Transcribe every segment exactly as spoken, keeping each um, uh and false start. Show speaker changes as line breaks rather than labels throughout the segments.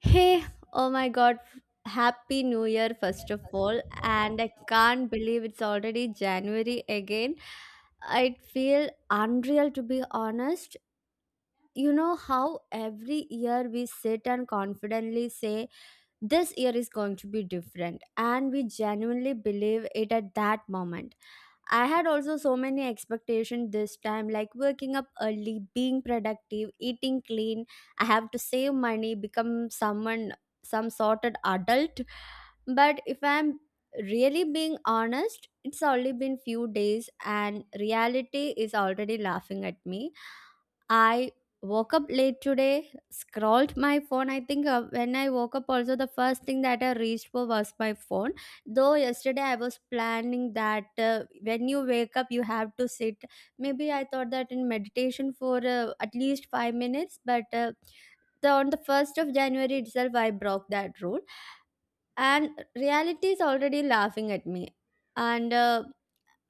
Hey, oh my god, happy new year,
There,
first of
first of
all.
all, uh,
And
if
I
there are already
can't believe it's
factors
already January
in
again. I
the game, I
feel unreal to be honest. You know how every year we sit and confidently say, this year is going to be different, and we genuinely believe it at that moment. I had also so many expectations this time, like waking up early, being productive, eating clean. I have to save money, become someone, some sorted adult. But if I'm really being honest, it's only been few days, and reality is already laughing at me. I woke up late today, scrolled my phone. I think uh, when I woke up, also the first thing that I reached for was my phone. Though yesterday I was planning that uh, when you wake up, you have to sit. Maybe I thought that in meditation for uh, at least five minutes, but uh, the on the 1st of January itself, I broke that rule, and reality is already laughing at me. And uh,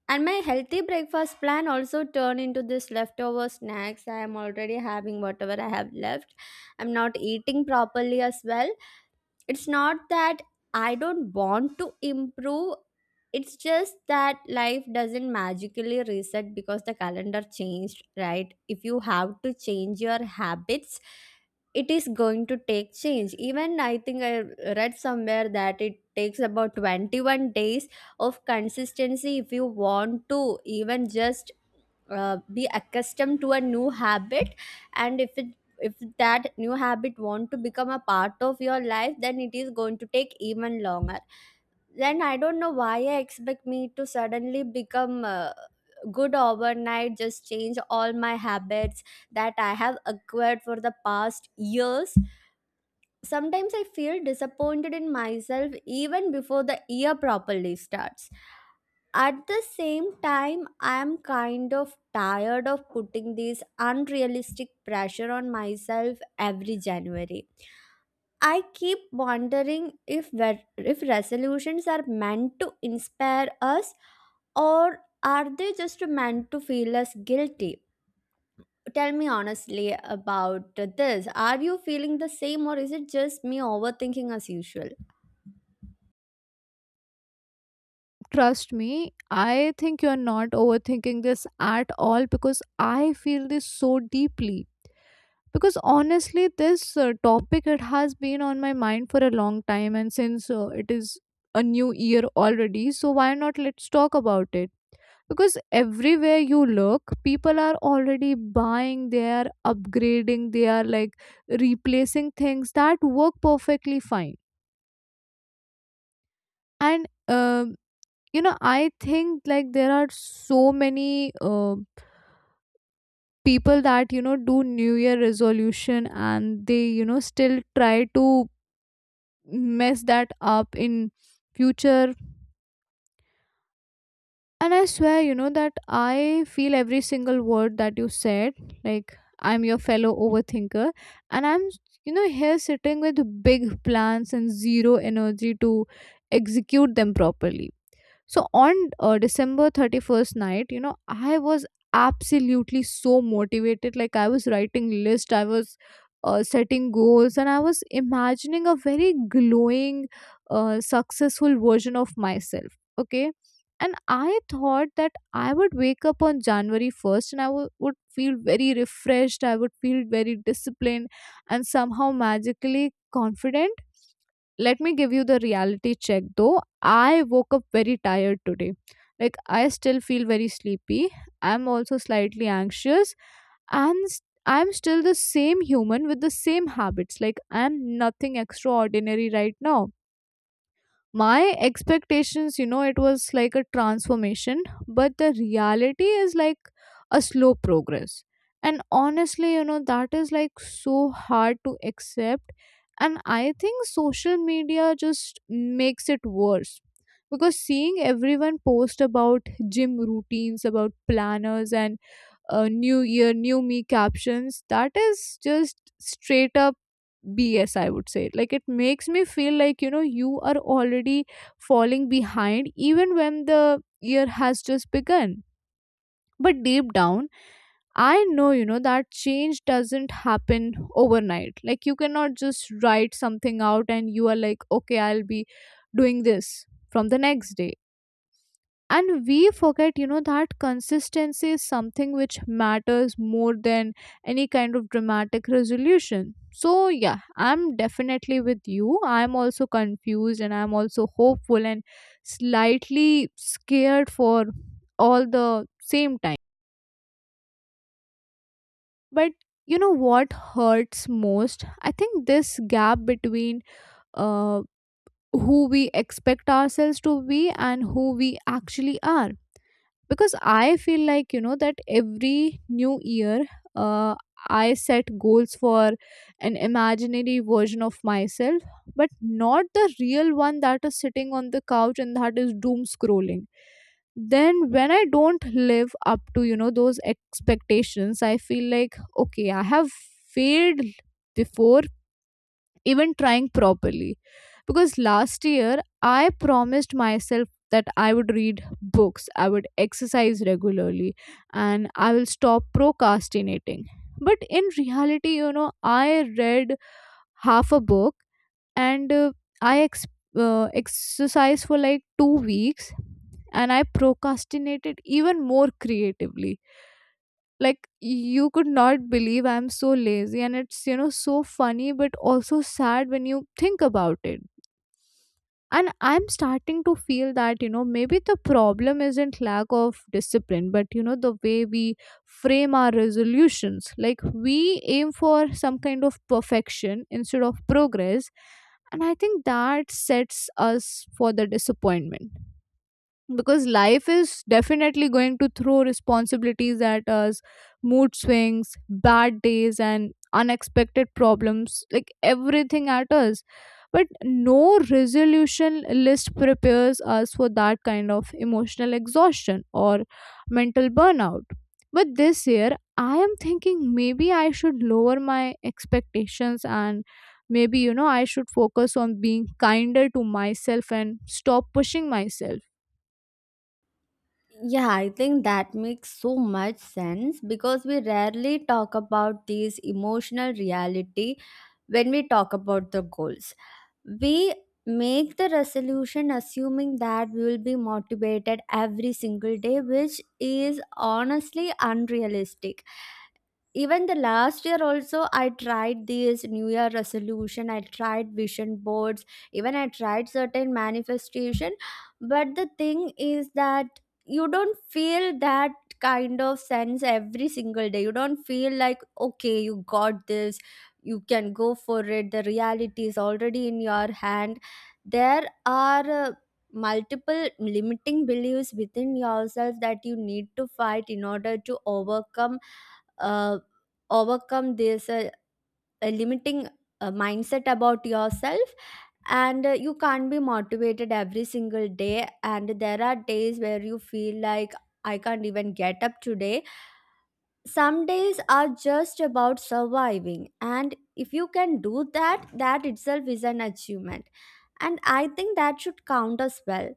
and my healthy breakfast plan also turned into this leftover snacks. I am already having whatever I have left. I'm not eating properly as well. It's not that I don't want to improve. It's just that life doesn't magically reset because the calendar changed, right? If you have to change your habits, it is going to take change. Even I think I read somewhere that it takes about twenty-one days of consistency. If you want to even just uh, be accustomed to a new habit, and if it if that new habit want to become a part of your life, then it is going to take even longer. Then I don't know why I expect me to suddenly become uh, good overnight, just change all my habits that I have acquired for the past years. Sometimes I feel disappointed in myself even before the year properly starts. At the same time, I am kind of tired of putting this unrealistic pressure on myself every January. I keep wondering if ver- if resolutions are meant to inspire us, or are they just meant to feel us guilty? Tell me honestly about this. Are you feeling the same, or is it just me overthinking as usual?
trust me, I think you're not overthinking this at all, because I feel this so deeply. Because honestly, this uh, topic, it has been on my mind for a long time, and since uh, it is a new year already, so why not, let's talk about it. Because everywhere you look, people are already buying, they are upgrading, they are like replacing things that work perfectly fine. And um, you know, I think like there are so many uh, people that, you know, do new year resolution and they, you know, still try to mess that up in future. And I swear, you know, that I feel every single word that you said. Like, I'm your fellow overthinker. And I'm, you know, here sitting with big plans and zero energy to execute them properly. So on uh, December thirty-first night, you know, I was absolutely so motivated. Like I was writing list, I was uh, setting goals, and I was imagining a very glowing, uh, successful version of myself. Okay. And I thought that I would wake up on January first and I w- would feel very refreshed, I would feel very disciplined, and somehow magically confident. Let me give you the reality check though. I woke up very tired today. Like, I still feel very sleepy. I'm also slightly anxious. And s- I'm still the same human with the same habits. Like, I'm nothing extraordinary right now. My expectations, you know, it was like a transformation, but the reality is like a slow progress. And honestly, you know, that is like so hard to accept. And I think social media just makes it worse, because seeing everyone post about gym routines, about planners, and uh, new year new me captions, that is just straight up BS, I would say. Like it makes me feel like, you know, you are already falling behind even when the year has just begun. But deep down, I know, you know, that change doesn't happen overnight. Like you cannot just write something out and you are like, okay, I'll be doing this from the next day. And we forget, you know, that consistency is something which matters more than any kind of dramatic resolution. So yeah, I'm definitely with you, I'm also confused and I'm also hopeful and slightly scared for all the same time. But you know what hurts most, I think, this gap between uh, who we expect ourselves to be and who we actually are. Because I feel like, you know, that every new year uh, I set goals for an imaginary version of myself, but not the real one that is sitting on the couch and that is doom scrolling. Then when I don't live up to, you know, those expectations, I feel like, okay, I have failed before even trying properly. Because last year I promised myself that I would read books, I would exercise regularly, and I will stop procrastinating. But in reality, you know, I read half a book, and uh, i ex- uh, exercised for like two weeks, and I procrastinated even more creatively. Like you could not believe, I'm so lazy, and it's, you know, so funny but also sad when you think about it. And I'm starting to feel that, you know, maybe the problem isn't lack of discipline, but, you know, the way we frame our resolutions. Like we aim for some kind of perfection instead of progress, and I think that sets us for the disappointment. Because life is definitely going to throw responsibilities at us, mood swings, bad days, and unexpected problems, like everything at us. But no resolution list prepares us for that kind of emotional exhaustion or mental burnout. But this year, I am thinking maybe I should lower my expectations, and maybe, you know, I should focus on being kinder to myself and stop pushing myself.
Yeah, I think that makes so much sense because we rarely talk about these emotional reality when we talk about the goals. We make the resolution assuming that we will be motivated every single day, which is honestly unrealistic. Even the last year also, I tried this New Year resolution. I tried vision boards. Even I tried certain manifestation. But the thing is that you don't feel that kind of sense every single day. You don't feel like okay, you got this. You can go for it. The reality is already in your hand. There are. Uh, multiple limiting beliefs within yourself that you need to fight in order to overcome uh, overcome this uh, uh, limiting uh, mindset about yourself. And uh, you can't be motivated every single day, and there are days where you feel like I can't even get up today. Some days are just about surviving, and if you can do that, that itself is an achievement, and I think that should count as well.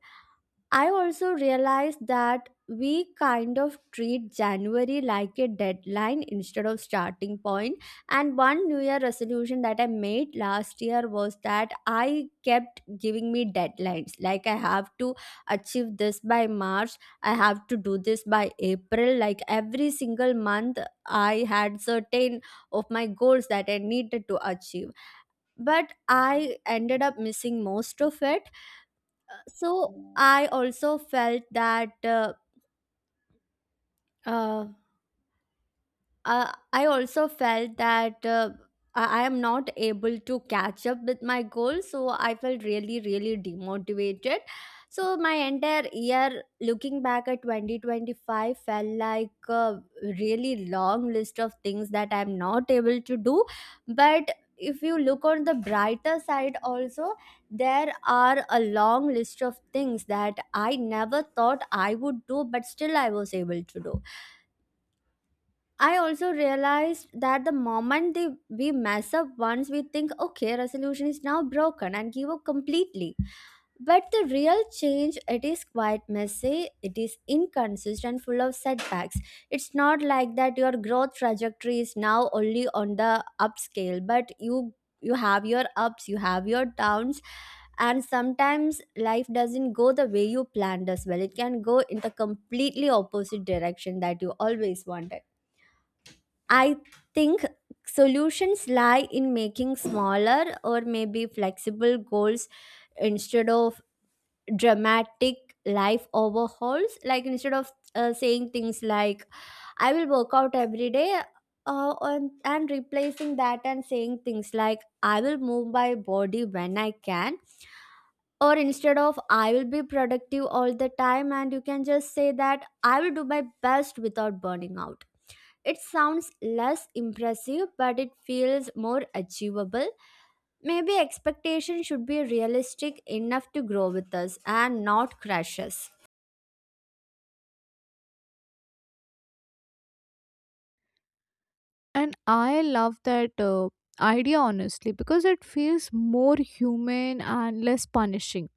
I also realized that we kind of treat January like a deadline instead of starting point. And one New Year resolution that I made last year was that I kept giving me deadlines. Like I have to achieve this by March. I have to do this by April. Like every single month, I had certain of my goals that I needed to achieve. But I ended up missing most of it. So I also felt that uh, uh, uh, I also felt that uh, I I am not able to catch up with my goals. So I felt really, really demotivated. So my entire year, looking back at twenty twenty-five, felt like a really long list of things that I'm not able to do. But if you look on the brighter side also, there are a long list of things that I never thought I would do, but still I was able to do. I also realized that the moment they, we mess up once, we think, okay, resolution is now broken, and give up completely. But the real change, it is quite messy, it is inconsistent, full of setbacks. It's not like that your growth trajectory is now only on the upscale, but you you have your ups, you have your downs, and sometimes life doesn't go the way you planned as well. It can go in the completely opposite direction that you always wanted. I think solutions lie in making smaller or maybe flexible goals instead of dramatic life overhauls. Like instead of uh, saying things like, I will work out every day. Uh, and, and replacing that and saying things like I will move my body when I can, or instead of I will be productive all the time, and you can just say that I will do my best without burning out. It sounds less impressive, but it feels more achievable. Maybe expectations should be realistic enough to grow with us and not crush us.
And I love that uh, idea, honestly, because it feels more human and less punishing.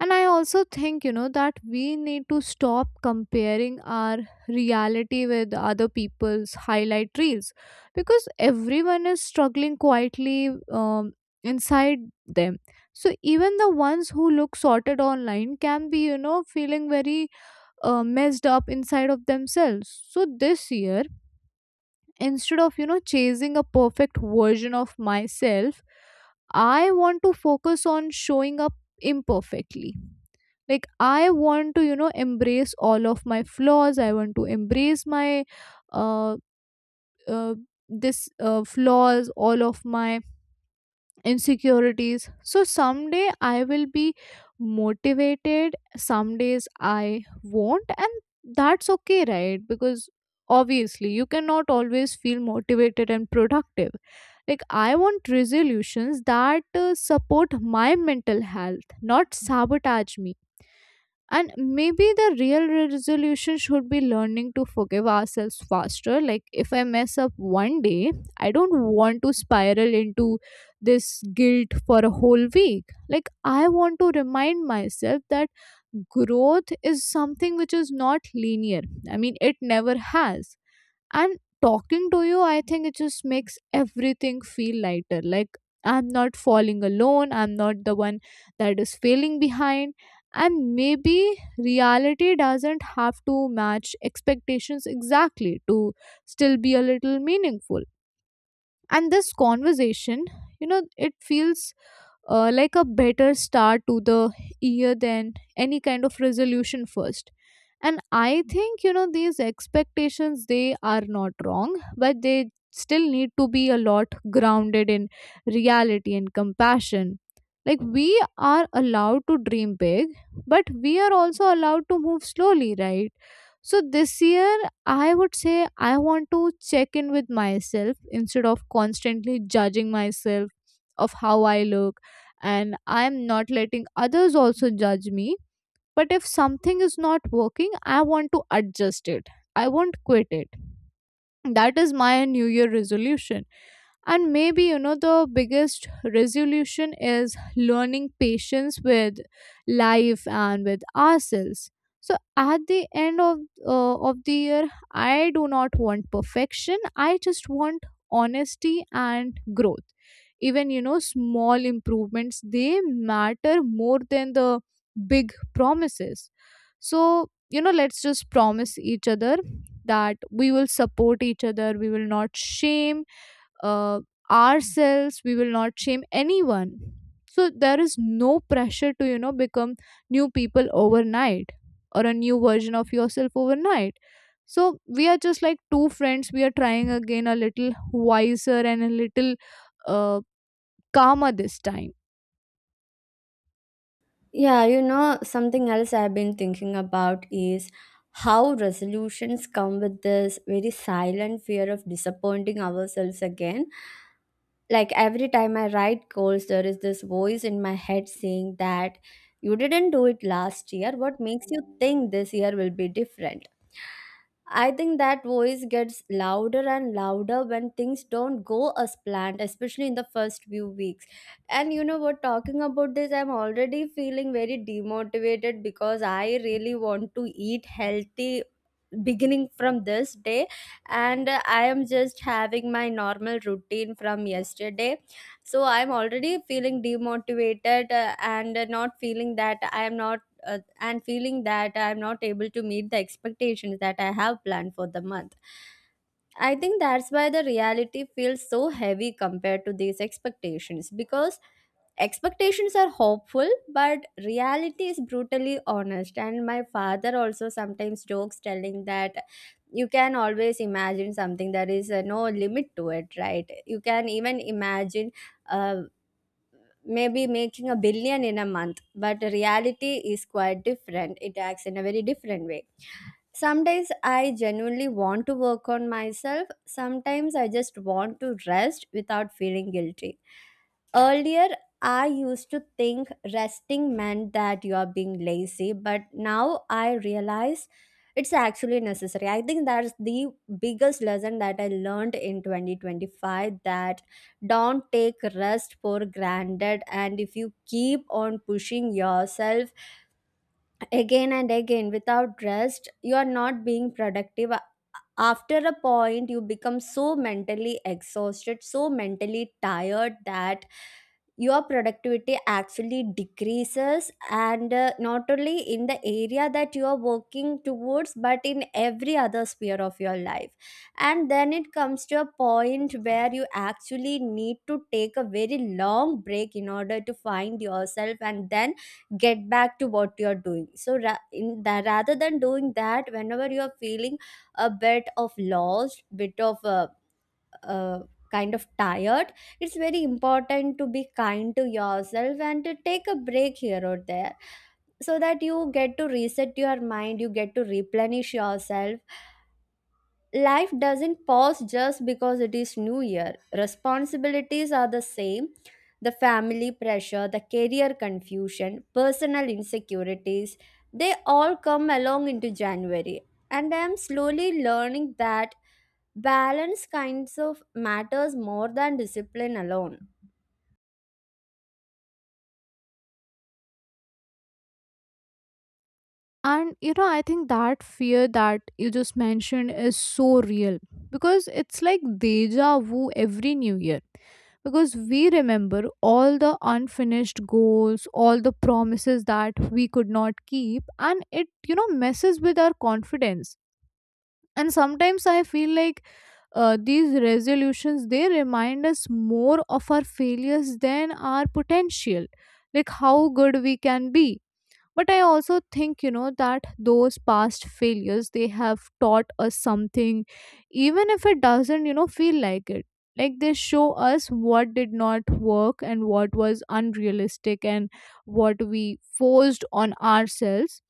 And I also think, you know, that we need to stop comparing our reality with other people's highlight reels, because everyone is struggling quietly, um, inside them. So even the ones who look sorted online can be, you know, feeling very uh, messed up inside of themselves. So this year, instead of, you know, chasing a perfect version of myself, I want to focus on showing up imperfectly. Like I want to, you know, embrace all of my flaws, I want to embrace my uh, uh this uh, flaws, all of my insecurities. So someday I will be motivated, some days I won't, and that's okay, right? Because obviously you cannot always feel motivated and productive. Like I want resolutions that uh, support my mental health, not sabotage me. And maybe the real resolution should be learning to forgive ourselves faster. Like if I mess up one day, I don't want to spiral into this guilt for a whole week. Like I want to remind myself that growth is something which is not linear, I mean, it never has. And talking to you, I think, it just makes everything feel lighter. Like I'm not falling alone, I'm not the one that is failing behind. And maybe reality doesn't have to match expectations exactly to still be a little meaningful. And this conversation, you know, it feels uh, like a better start to the year than any kind of resolution first. And I think, you know, these expectations, they are not wrong, but they still need to be a lot grounded in reality and compassion. Like we are allowed to dream big, but we are also allowed to move slowly, right? So this year, I would say, I want to check in with myself instead of constantly judging myself of how I look. And I'm not letting others also judge me. But if something is not working, I want to adjust it, I won't quit it. That is my new year resolution. And maybe, you know, the biggest resolution is learning patience with life and with ourselves. So at the end of uh, of the year, I do not want perfection. I just want honesty and growth. Even, you know, small improvements, they matter more than the big promises. So, you know, let's just promise each other that we will support each other. We will not shame uh, ourselves, we will not shame anyone. So there is no pressure to, you know, become new people overnight, or a new version of yourself overnight. So we are just like two friends, we are trying again, a little wiser and a little uh, calmer this time.
Yeah, you know, something else I've been thinking about is how resolutions come with this very silent fear of disappointing ourselves again. Like every time I write goals, there is this voice in my head saying that you didn't do it last year. What makes you think this year will be different? I think that voice gets louder and louder when things don't go as planned, especially in the first few weeks. And you know what, talking about this, I'm already feeling very demotivated because I really want to eat healthy beginning from this day, and uh, I am just having my normal routine from yesterday. So I'm already feeling demotivated, uh, and uh, not feeling that I am not uh, and feeling that I'm not able to meet the expectations that I have planned for the month. I think that's why the reality feels so heavy compared to these expectations, because expectations are hopeful but reality is brutally honest. And my father also sometimes jokes telling that you can always imagine something, there is uh, no limit to it, right? You can even imagine uh, maybe making a billion in a month, but reality is quite different. It acts in a very different way. Some days I genuinely want to work on myself. Sometimes I just want to rest without feeling guilty. Earlier, I used to think resting meant that you are being lazy, but now I realize it's actually necessary. I think that's the biggest lesson that I learned in twenty twenty-five, that don't take rest for granted. And if you keep on pushing yourself again and again without rest, you are not being productive. After a point you become so mentally exhausted, so mentally tired, that your productivity actually decreases, and uh, not only in the area that you are working towards, but in every other sphere of your life. And then it comes to a point where you actually need to take a very long break in order to find yourself, and then get back to what you're doing. So ra- in that, rather than doing that, whenever you're feeling a bit of lost, bit of uh, uh, kind of tired, it's very important to be kind to yourself and to take a break here or there, so that you get to reset your mind, you get to replenish yourself. Life doesn't pause just because it is New Year. Responsibilities are the same, the family pressure, the career confusion, personal insecurities, they all come along into January. And I am slowly learning that balance kinds of matters more than discipline alone.
And you know, I think that fear that you just mentioned is so real, because it's like deja vu every new year. Because we remember all the unfinished goals, all the promises that we could not keep, and it, you know, messes with our confidence. And sometimes I feel like uh, these resolutions, they remind us more of our failures than our potential, like how good we can be. But I also think, you know, that those past failures, they have taught us something, even if it doesn't, you know, feel like it. Like they show us what did not work and what was unrealistic and what we forced on ourselves.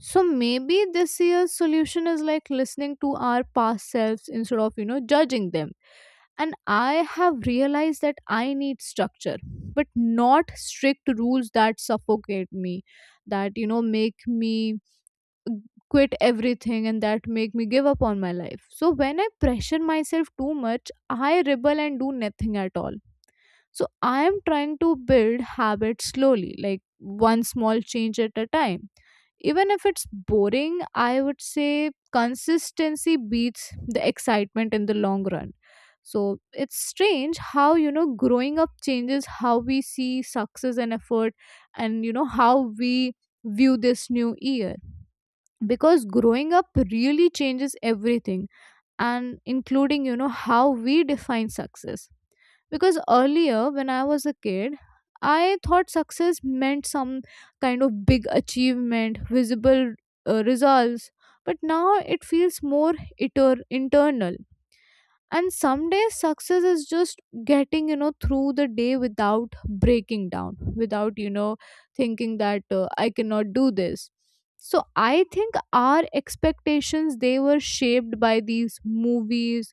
So maybe this year's solution is like listening to our past selves instead of, you know, judging them. And I have realized that I need structure, but not strict rules that suffocate me, that, you know, make me quit everything and that make me give up on my life. So when I pressure myself too much, I rebel and do nothing at all. So I am trying to build habits slowly, like one small change at a time. Even if it's boring, I would say consistency beats the excitement in the long run. So it's strange how, you know, growing up changes how we see success and effort, and, you know, how we view this new year. Because growing up really changes everything and including, you know, how we define success because earlier when i was a kid i thought success meant some kind of big achievement visible uh, results. But now it feels more iter- internal, and some days success is just getting, you know, through the day without breaking down, without, you know, thinking that uh, i cannot do this. So i think our expectations, they were shaped by these movies,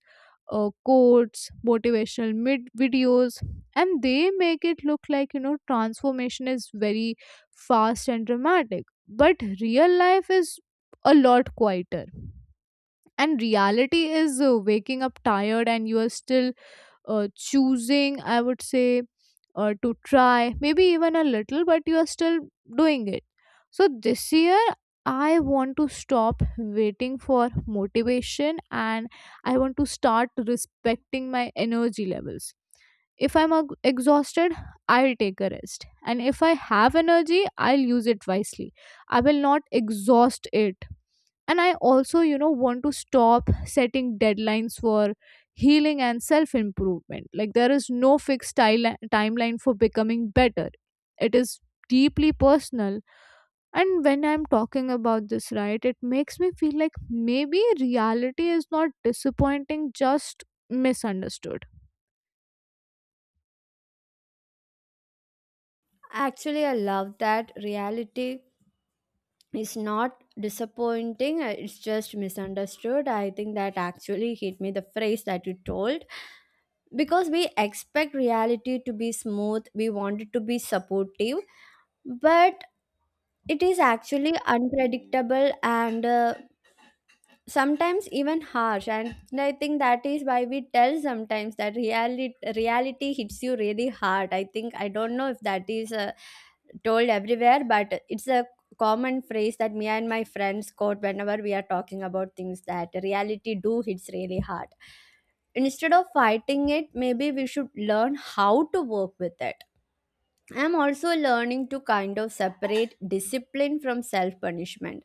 uh, quotes, motivational mid- videos, and they make it look like, you know, transformation is very fast and dramatic, but real life is a lot quieter. And reality is, uh, waking up tired, and you are still uh, choosing, i would say, uh, to try, maybe even a little, but you are still doing it. So this year i want to stop waiting for motivation, and i want to start respecting my energy levels. If i'm ag- exhausted, i'll take a rest, and if i have energy, i'll use it wisely. I will not exhaust it. And i also, you know, want to stop setting deadlines for healing and self improvement. Like, there is no fixed tile- timeline for becoming better. It is deeply personal. And when I'm talking about this, right, it makes me feel like maybe reality is not disappointing, just misunderstood.
Actually, I love that reality is not disappointing, uh, it's just misunderstood. I think that actually hit me, the phrase that you told, because we expect reality to be smooth, we want it to be supportive, but it is actually unpredictable and uh, sometimes even harsh. And I think that is why we tell sometimes that reality reality hits you really hard. I think I don't know if that is uh, told everywhere, but it's a common phrase that me and my friends quote whenever we are talking about things, that reality do hits really hard. Instead of fighting it, maybe we should learn how to work with it. I'm also learning to kind of separate discipline from self punishment.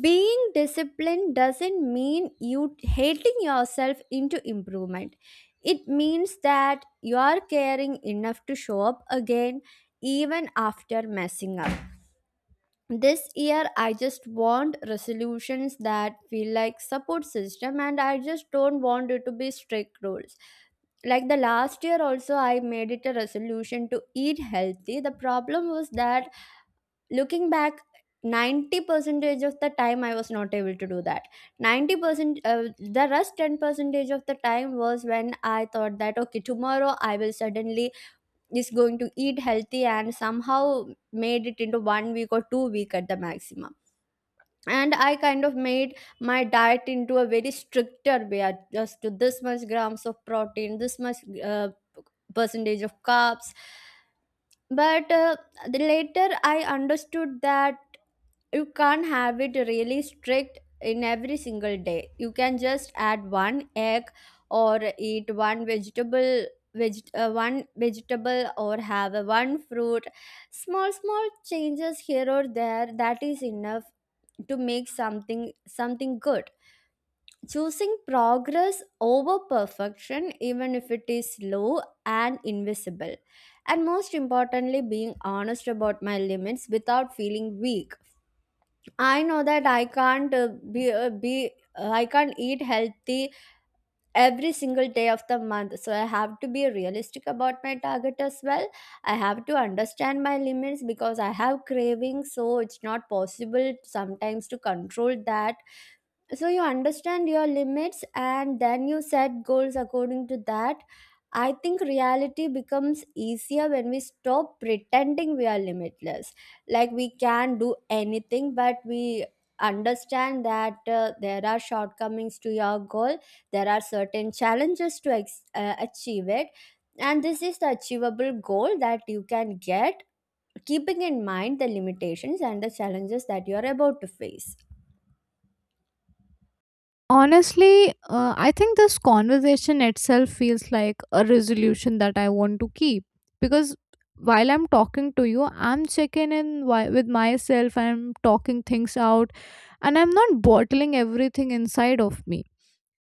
Being disciplined doesn't mean you hating yourself into improvement. It means that you are caring enough to show up again even after messing up. This year I just want resolutions that feel like support system, and I just don't want it to be strict rules. Like the last year also, I made it a resolution to eat healthy. The problem was that, looking back, ninety percentage of the time I was not able to do that. ninety percent, uh, the rest ten percentage of the time was when I thought that, okay, tomorrow I will suddenly is going to eat healthy, and somehow made it into one week or two week at the maximum. And I kind of made my diet into a very stricter way. I just to this much grams of protein, this much uh, percentage of carbs. But uh, the later I understood that you can't have it really strict in every single day. You can just add one egg or eat one vegetable, veget- uh, one vegetable, or have a one fruit. Small small changes here or there, that is enough to make something something good. Choosing progress over perfection, even if it is slow and invisible. And most importantly, being honest about my limits without feeling weak. I know that I can't uh, be uh, be uh, I can't eat healthy every single day of the month. So I have to be realistic about my target as well. I have to understand my limits because I have cravings, so it's not possible sometimes to control that. So you understand your limits and then you set goals according to that. I think reality becomes easier when we stop pretending we are limitless, like we can do anything. But we understand that uh, there are shortcomings to your goal. There are certain challenges to ex- uh, achieve it, and this is the achievable goal that you can get, keeping in mind the limitations and the challenges that you are about to face.
Honestly, uh, I think this conversation itself feels like a resolution that I want to keep, because while I'm talking to you, I'm checking in wi- with myself, I'm talking things out, and I'm not bottling everything inside of me.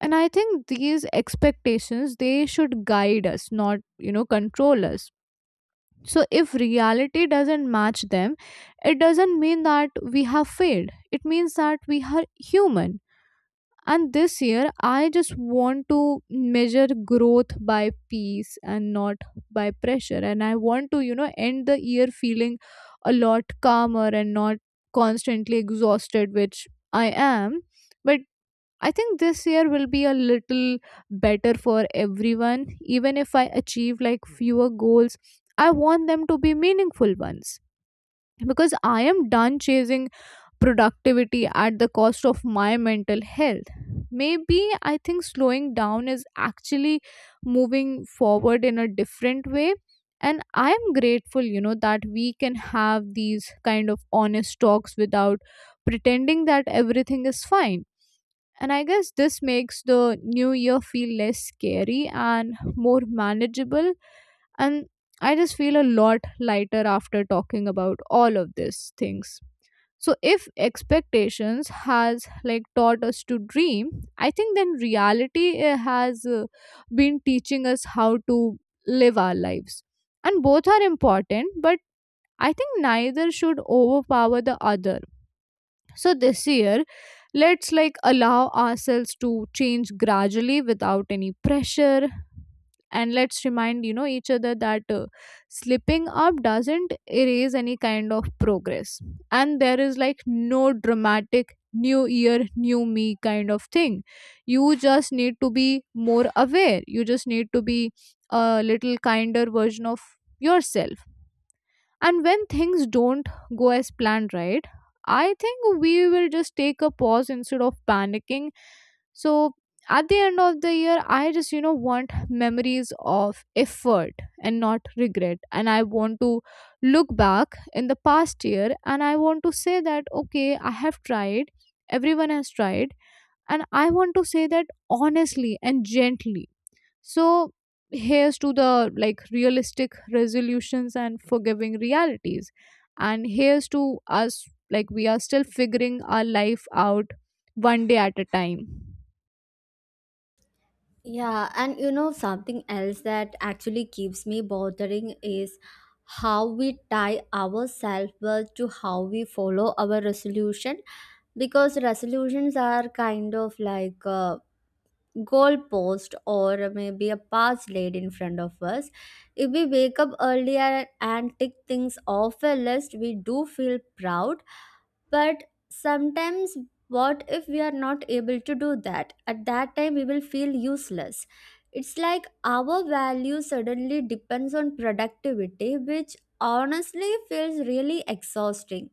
And I think these expectations, they should guide us, not, you know, control us. So if reality doesn't match them, it doesn't mean that we have failed. It means that we are human. And this year, I just want to measure growth by peace and not by pressure. And I want to, you know, end the year feeling a lot calmer and not constantly exhausted, which I am. But I think this year will be a little better for everyone. Even if I achieve like fewer goals, I want them to be meaningful ones. Because I am done chasing productivity at the cost of my mental health. Maybe I think slowing down is actually moving forward in a different way. And I am grateful, you know, that we can have these kind of honest talks without pretending that everything is fine. And I guess this makes the new year feel less scary and more manageable. And I just feel a lot lighter after talking about all of these things. So if expectations has like taught us to dream, I think then reality, uh, has uh, been teaching us how to live our lives. And both are important, but I think neither should overpower the other. So this year, let's like allow ourselves to change gradually without any pressure. And let's remind, you know, each other that, uh, slipping up doesn't erase any kind of progress, and there is like no dramatic new year, new me kind of thing. You just need to be more aware, you just need to be a little kinder version of yourself. And when things don't go as planned, right? I think we will just take a pause instead of panicking. So at the end of the year, I just, you know, want memories of effort and not regret. And I want to look back in the past year, and I want to say that, okay, I have tried, everyone has tried. And I want to say that honestly and gently. So here's to the like realistic resolutions and forgiving realities. And here's to us, like, we are still figuring our life out one day at a time.
Yeah, and you know, something else that actually keeps me bothering is how we tie our self worth to how we follow our resolution. Because resolutions are kind of like a goalpost or maybe a path laid in front of us. If we wake up earlier and tick things off a list, we do feel proud. But sometimes, what if we are not able to do that? At that time we will feel useless. It's like our value suddenly depends on productivity, which honestly feels really exhausting.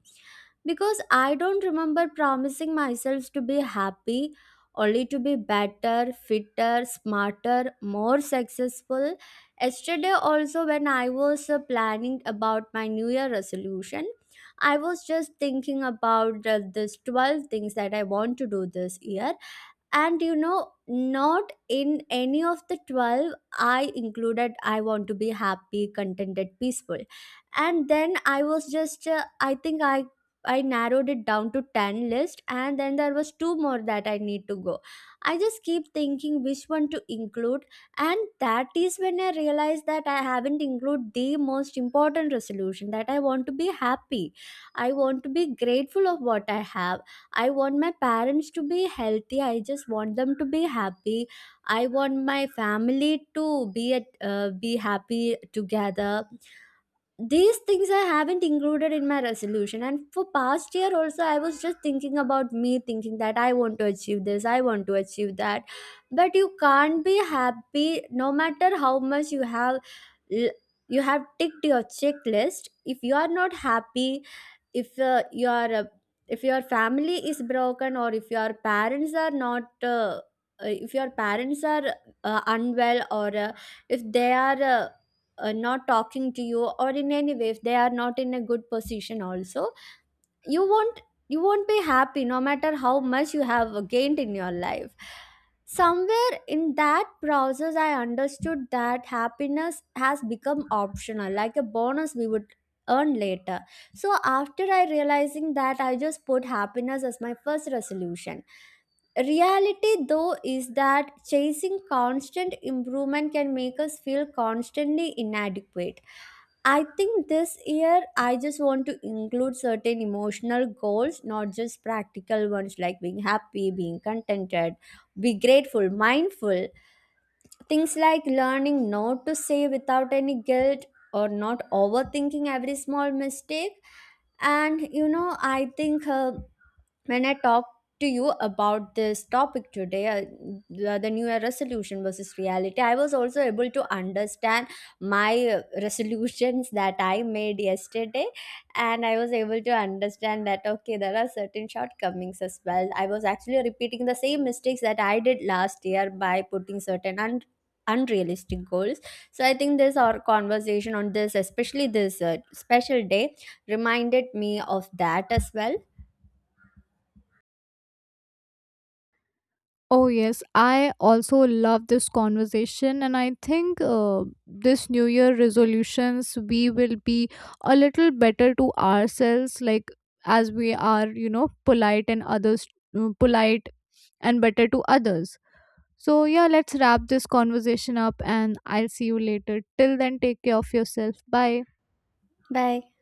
Because I don't remember promising myself to be happy, only to be better, fitter, smarter, more successful. Yesterday also, when I was uh, planning about my new year resolution, I was just thinking about uh, this twelve things that I want to do this year. And you know, not in any of the twelve I included, I want to be happy, contented, peaceful. And then I was just, uh, I think I. I narrowed it down to ten list, and then there was two more that I need to go. I just keep thinking which one to include. And that is when I realized that I haven't included the most important resolution, that I want to be happy. I want to be grateful of what I have. I want my parents to be healthy. I just want them to be happy. I want my family to be at, uh, be happy together. These things I haven't included in my resolution. And for past year also, I was just thinking about me, thinking that I want to achieve this, I want to achieve that. But you can't be happy no matter how much you have, l- you have ticked your checklist. If you are not happy, if uh, you are uh, if your family is broken, or if your parents are not uh, uh, if your parents are uh, unwell, or uh, if they are uh, uh, not talking to you, or in any way if they are not in a good position also, you won't you won't be happy no matter how much you have gained in your life. Somewhere in that process I understood that happiness has become optional, like a bonus we would earn later. So after I realizing that, I just put happiness as my first resolution. Reality though is that chasing constant improvement can make us feel constantly inadequate. I think this year I just want to include certain emotional goals, not just practical ones, like being happy, being contented, be grateful, mindful. Things like learning not to say without any guilt, or not overthinking every small mistake. And you know, I think uh, when I talked to you about this topic today, uh, the, the New Year resolution versus reality, I was also able to understand my uh, resolutions that I made yesterday. And I was able to understand that, okay, there are certain shortcomings as well. I was actually repeating the same mistakes that I did last year by putting certain un- unrealistic goals. So I think this our conversation on this, especially this uh, special day, reminded me of that as well.
Oh yes, I also love this conversation, and I think uh, this new year resolutions we will be a little better to ourselves, like, as we are, you know, polite and others, uh, polite and better to others. So, yeah, let's wrap this conversation up and I'll see you later. Till then, take care of yourself. Bye.
Bye.